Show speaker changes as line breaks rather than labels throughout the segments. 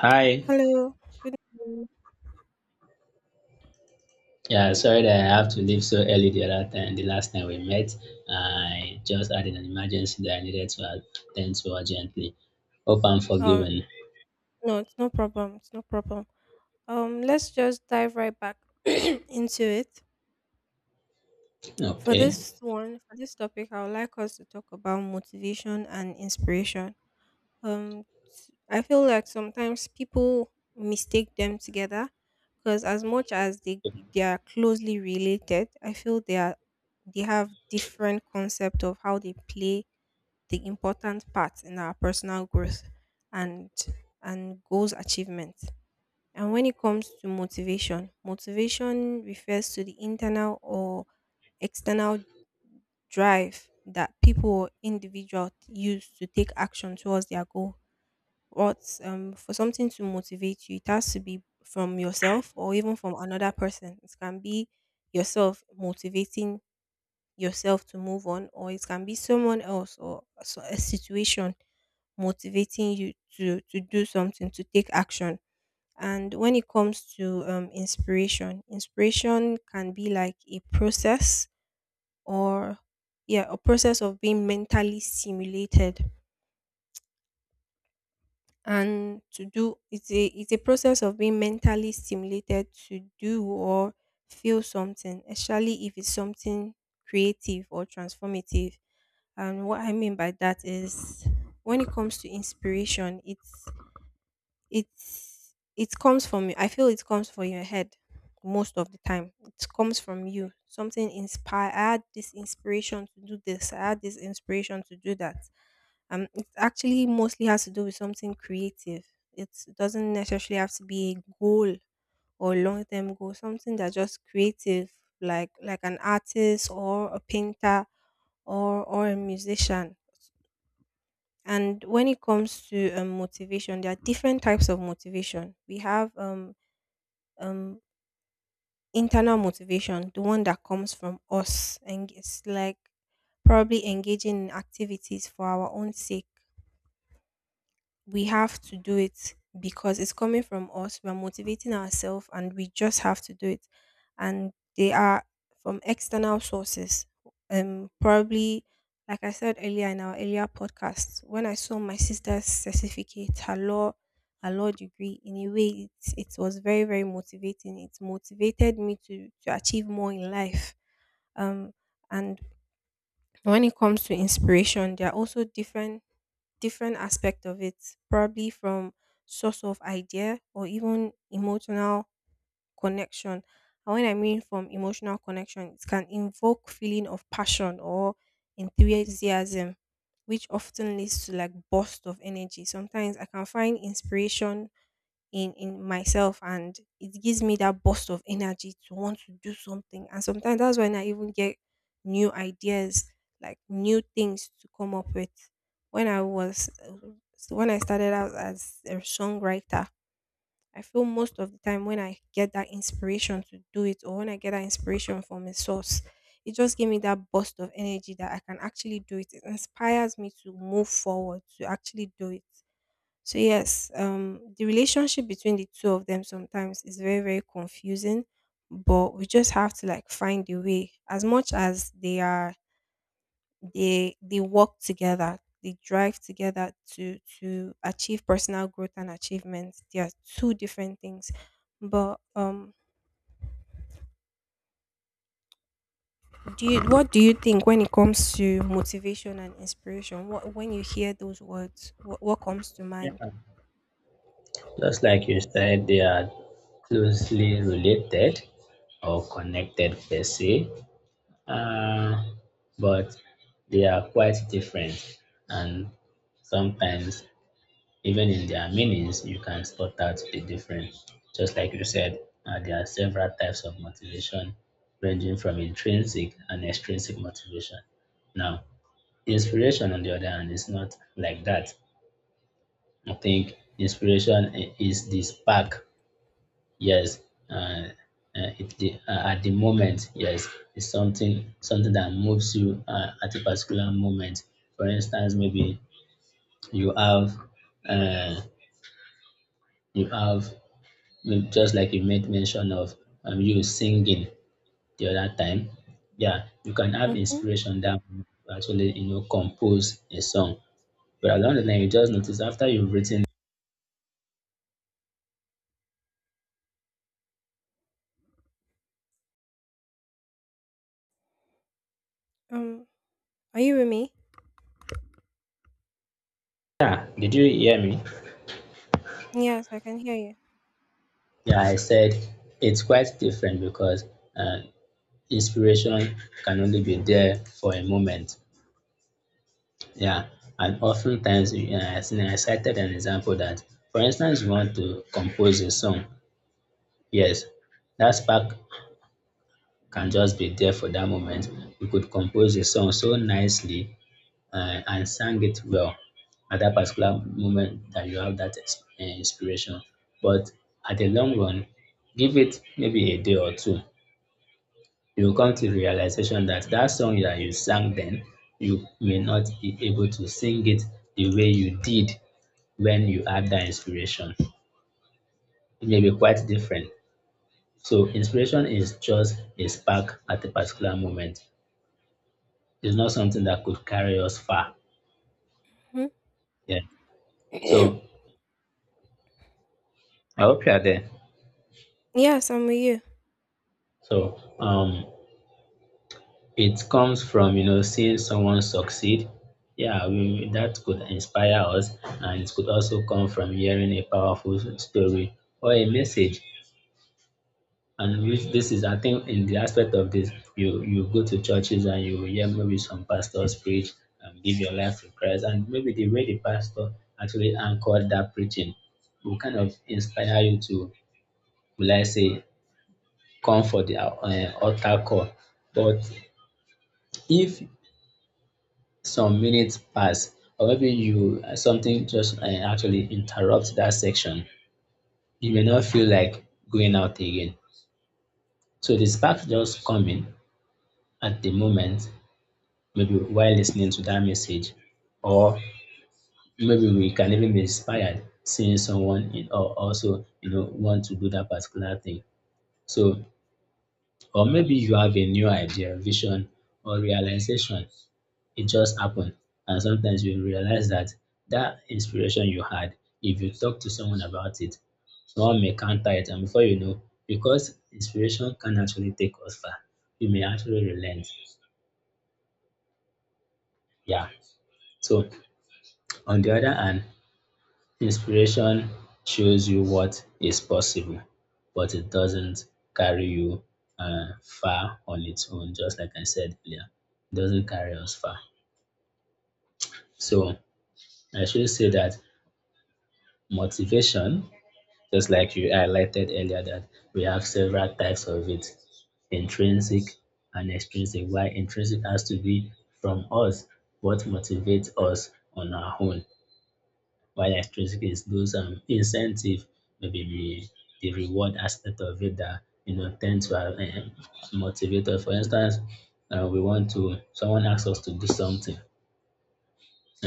Hi.
Hello, good evening.
Yeah, sorry that I have to leave so early the other time, the last time we met. I just had an emergency that I needed to attend to urgently. Hope I'm
Uh,
forgiven.
no, it's no problem. It's no problem. Let's just dive right back into it. For
Okay.
this one, for this topic, I would like us to talk about motivation and inspiration. I feel like sometimes people mistake them together because as much as they are closely related, I feel they have different concept of how they play the important part in our personal growth and and goals achievement. And when it comes to motivation, motivation refers to the internal or external drive that people or individual use to take action towards their goal. What For something to motivate you, it has to be from yourself or even from another person. It can be yourself motivating yourself to move on, or it can be someone else or a situation motivating you to do something to take action. And when it comes to inspiration, inspiration can be like a process or yeah a process of being mentally stimulated and to do it's a process of being mentally stimulated to do or feel something, especially if it's something creative or transformative. And what I mean by that is, when it comes to inspiration, it's it comes from you. I feel it comes from your head most of the time. It comes from you. Something inspire. I had this inspiration to do this. I had this inspiration to do that. It actually mostly has to do with something creative. It doesn't necessarily have to be a goal or long term goal, something that's just creative, like an artist or a painter or a musician. And when it comes to motivation, there are different types of motivation. We have um, internal motivation, the one that comes from us, and it's like probably engaging in activities for our own sake. We have to do it because it's coming from us. We're motivating ourselves and we just have to do it. And they are from external sources. Probably, like I said earlier in our earlier podcast, when I saw my sister's certificate, her law degree, in a way, it was very, very motivating. It motivated me to achieve more in life. Um, and when it comes to inspiration, there are also different aspect of it, probably from source of idea or even emotional connection. And when I mean from emotional connection, it can invoke feeling of passion or enthusiasm, which often leads to like burst of energy. Sometimes I can find inspiration in myself, and it gives me that burst of energy to want to do something, and sometimes that's when I even get new ideas, like new things to come up with. When I was So when I started out as a songwriter, I feel most of the time when I get that inspiration to do it, or when I get that inspiration from a source, it just gave me that burst of energy that I can actually do it. It inspires me to move forward, to actually do it. So yes, the relationship between the two of them sometimes is very, very confusing, but we just have to like find a way. As much as they are, they work together, they drive together to achieve personal growth and achievements. They are two different things, but do you what do you think when it comes to motivation and inspiration? What, when you hear those words, what comes to
Yeah.
mind?
Just like you said, they are closely related or connected per se, uh, but they are quite different, and sometimes even in their meanings, you can spot out the difference. Just like you said, there are several types of motivation, ranging from intrinsic and extrinsic motivation. Now, inspiration, on the other hand, is not like that. I think inspiration is the spark. Yes, uh, at the moment, yes, it's something that moves you at a particular moment. For instance, maybe you have uh, you have Mm, just like you made mention of, you singing the other time, yeah, you can have
Mhm.
inspiration that will actually, you know, compose a song. But along the line, you just notice after you've written,
Um, are you with me?
yeah, did you hear me?
Yes, I can hear you.
Yeah, I said it's quite different because, uh, inspiration can only be there for a moment. Yeah, and oftentimes, you know, I think I cited an example that, for instance, you want to compose a song. Yes, that spark can just be there for that moment. We could compose a song so nicely and sang it well at that particular moment that you have that inspiration. But at the long run, give it maybe a day or two. You will come to the realization that that song that you sang then, you may not be able to sing it the way you did when you had that inspiration. It may be quite different. So inspiration is just a spark at a particular moment. It's not something that could carry us far.
Mhm.
Yeah. So I hope you are there.
Yes, I'm with you.
So it comes from, you know, seeing someone succeed. Yeah, that could inspire us, and it could also come from hearing a powerful story or a message. And which this is, I think, in the aspect of this, you go to churches and you hear maybe some pastors preach and give your life to Christ, and maybe the way the pastor actually anchored that preaching will kind of inspire you to, will I say, come for the altar call. But if some minutes pass, or maybe you something just actually interrupts that section, you may not feel like going out again. So the spark just come in at the moment, maybe while listening to that message, or maybe we can even be inspired seeing someone in, or also, you know, want to do that particular thing. So, or maybe you have a new idea, vision, or realization. It just happened. And sometimes you realize that that inspiration you had, if you talk to someone about it, someone may counter it. And before you know, because inspiration can actually take us far, you may actually relent. Yeah. So, on the other hand, inspiration shows you what is possible, but it doesn't carry you far on its own, just like I said earlier. It doesn't carry us far. So, I should say that motivation, just like you highlighted earlier, that we have several types of it, intrinsic and extrinsic. Why intrinsic has to be from us, what motivates us on our own. While extrinsic is those incentive, maybe the reward aspect of it that, you know, tend to motivate us. For instance, we want to, someone asks us to do something,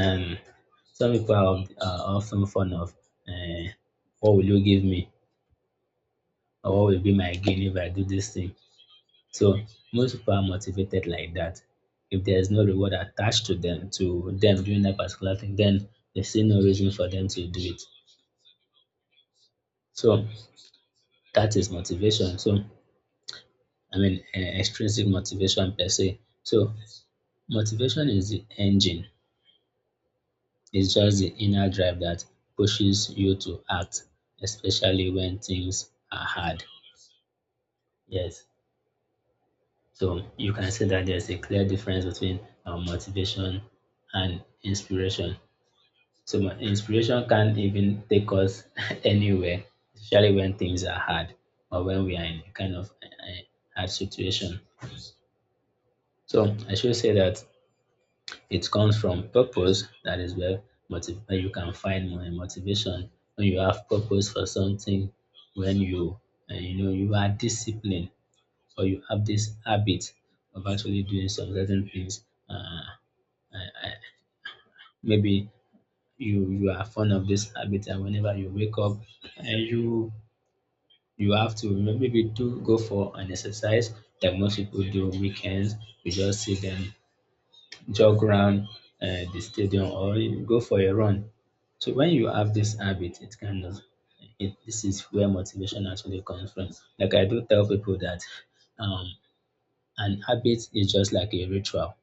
and some people are often fond of, uh, what will you give me, or what will be my gain if I do this thing? So most people are motivated like that. If there is no reward attached to them doing that particular thing, then they see no reason for them to do it. So that is motivation. So I mean, extrinsic motivation per se. So motivation is the engine. It's just the inner drive that pushes you to act, especially when things are hard. Yes. So you can see that there's a clear difference between motivation and inspiration. So inspiration can even take us anywhere, especially when things are hard or when we are in a kind of hard situation. So I should say that it comes from purpose. That is where where you can find more motivation when you have purpose for something. When you, you know, you are disciplined or you have this habit of actually doing some certain things. Uh, I, I, maybe you are fond of this habit, and whenever you wake up, and you have to maybe do go for an exercise that most people do on weekends. You just see them jog around the stadium, or you go for a run. So when you have this habit, it kind of, it, this is where motivation actually comes from. Like I do tell people that, um, an habit is just like a ritual.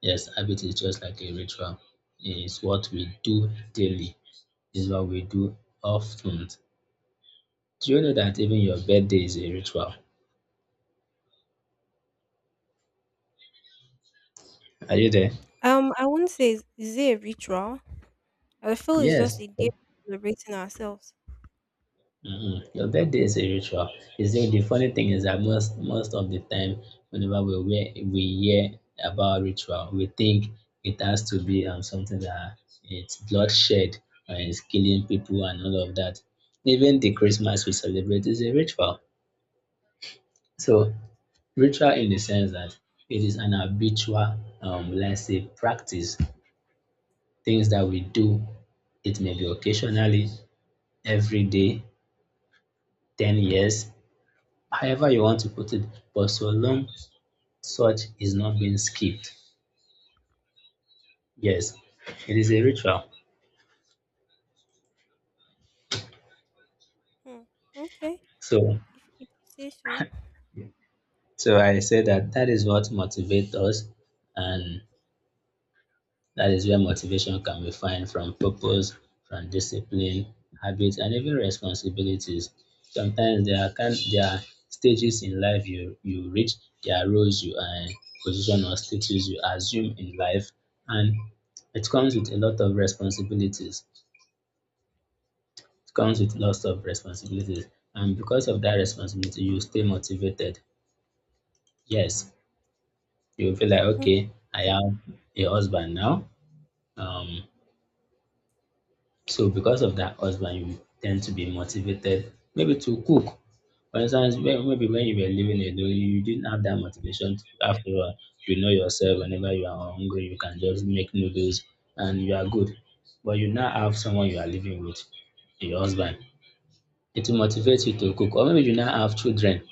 Yes, habit is just like a ritual. It's what we do daily. It's what we do often. Do you know that even your birthday is a ritual? Are you there?
I wouldn't say is it a ritual. I feel it's just
Yes.
a day of celebrating ourselves.
Mm-mm. Your birthday is a ritual. Is the funny thing is that, most of the time, whenever we wear, we hear about ritual, we think it has to be something that, it's bloodshed and it's killing people and all of that. Even the Christmas we celebrate is a ritual. So, ritual in the sense that it is an habitual, let's say, practice, things that we do. It may be occasionally, every day, 10 years, however you want to put it, but so long such is not being skipped. Yes, it is a ritual.
Hmm. Okay.
So,
If you say so.
so I say that that is what motivates us, and that is where motivation can be found: from purpose, from discipline, habits, and even responsibilities. Sometimes there are kind, there are stages in life you reach, there are roles you are in, position or status you assume in life, and it comes with a lot of responsibilities. It comes with lots of responsibilities, and because of that responsibility, you stay motivated. Yes, you feel like, okay, I have a husband now. Um, So because of that husband, you tend to be motivated maybe to cook. For instance, maybe when you were living alone, you didn't have that motivation. To, after all, you know yourself, whenever you are hungry, you can just make noodles and you are good. But you now have someone you are living with, your husband. It will motivate you to cook. Or maybe you now have children.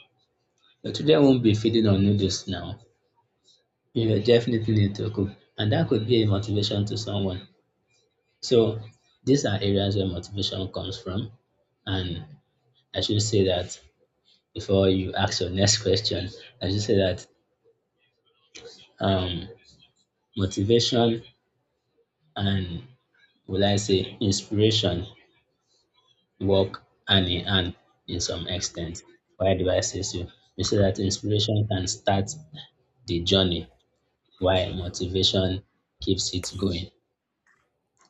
Your children won't be feeding on noodles now. You will definitely need to cook. And that could be a motivation to someone. So these are areas where motivation comes from. And I should say that, before you ask your next question, I should say that, um, motivation and, will I say, inspiration work hand in hand in some extent. Why do I say so? We say that inspiration can start the journey, while motivation keeps it going.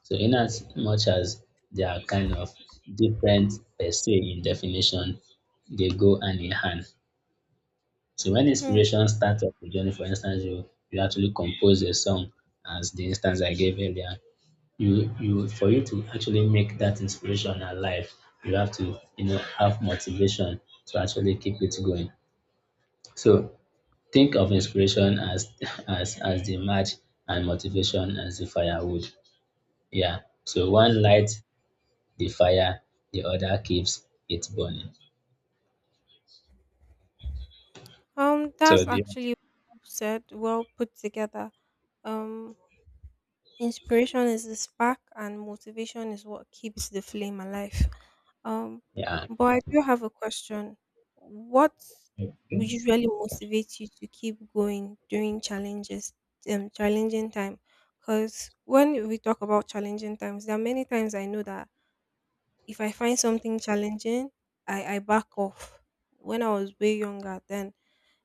So, in as much as they are kind of different per se in definition, they go hand in hand. So when
Mhm.
inspiration starts up your journey, for instance, you actually compose a song, as the instance I gave earlier. You for you to actually make that inspiration alive, you have to, you know, have motivation to actually keep it going. So think of inspiration as as the match, and motivation as the firewood. Yeah. So one light the fire, the other keeps it burning. So
That's
do you,
actually well said, well put together. Um, Inspiration is the spark, and motivation is what keeps the flame alive. Um,
yeah.
but I do have a question. What would usually motivate you to keep going during challenges, challenging time? Because when we talk about challenging times, there are many times I know that, if I find something challenging, I back off. When I was way younger, then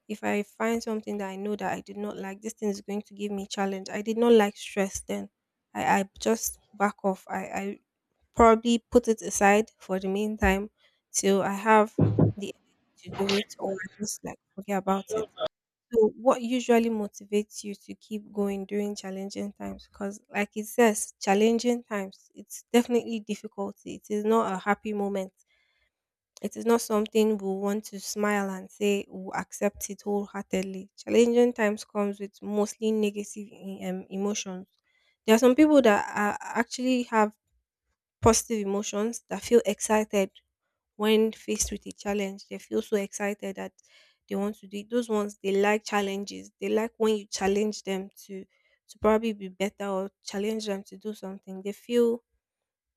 if I find something that I know that I did not like, this thing is going to give me challenge. I did not like stress then. I just back off. I probably put it aside for the meantime till I have the energy to do it, or I just like forget about it. So, what usually motivates you to keep going during challenging times? Because, like it says, challenging times, it's definitely difficulty. It is not a happy moment. It is not something we want to smile and say we accept it wholeheartedly. Challenging times comes with mostly negative emotions. There are some people that are actually have positive emotions that feel excited. When faced with a challenge, they feel so excited that they want to do it. Those ones they like challenges. They like when you challenge them to probably be better, or challenge them to do something.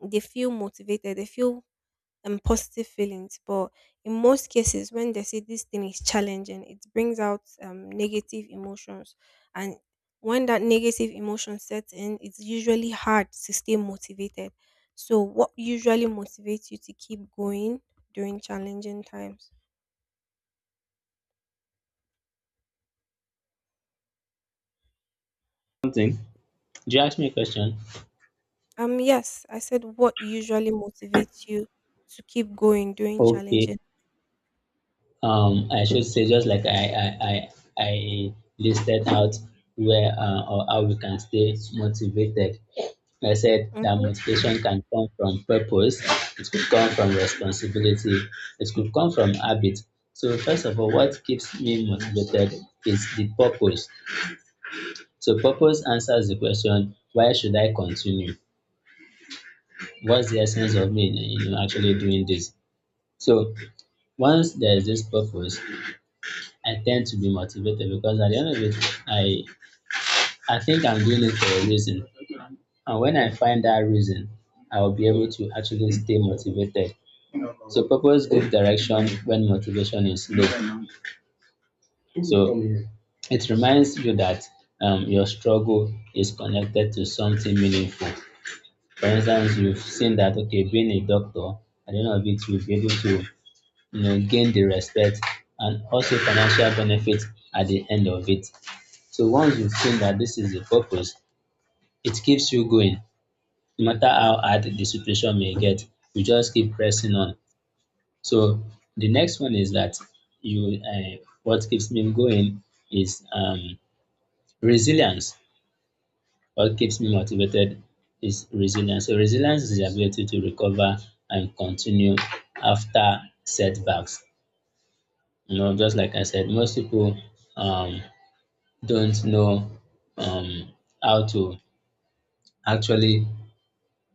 They feel motivated. They feel and positive feelings. But in most cases, when they say this thing is challenging, it brings out negative emotions. And when that negative emotion sets in, it's usually hard to stay motivated. So, what usually motivates you to keep going during challenging times?
Something. Do you ask me a question?
Yes, I said what usually motivates you to keep going during
Okay.
challenging.
I should say, just like I listed out where, or how we can stay motivated. I said that
Mhm.
motivation can come from purpose, it could come from responsibility, it could come from habit. So first of all, what keeps me motivated is the purpose. So purpose answers the question, why should I continue? What's the essence of me, you know, actually doing this? So once there is this purpose, I tend to be motivated because, at the end of it, I I think I'm doing it for a reason. And when I find that reason, I'll be able to actually stay motivated. So purpose gives direction when motivation is low. So it reminds you that, your struggle is connected to something meaningful. For instance, you've seen that, okay, being a doctor, at the end of it, you'll be able to, you know, gain the respect and also financial benefits at the end of it. So once you've seen that this is the purpose, it keeps you going. No matter how hard the situation may get, you just keep pressing on. So the next one is that you, what keeps me going is, resilience. What keeps me motivated is resilience. So resilience is the ability to recover and continue after setbacks. You know, just like I said, most people, um, don't know, um, how to actually,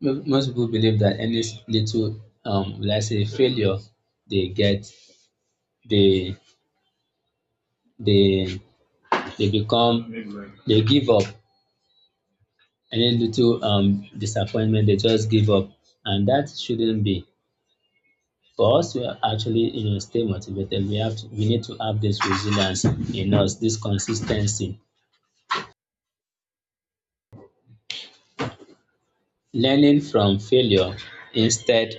Most people believe that any little, let's say, failure they get, they they they become, they give up, any little disappointment, they just give up, and that shouldn't be. For us to actually, you know, stay motivated, we need to have this resilience in us, this consistency, learning from failure instead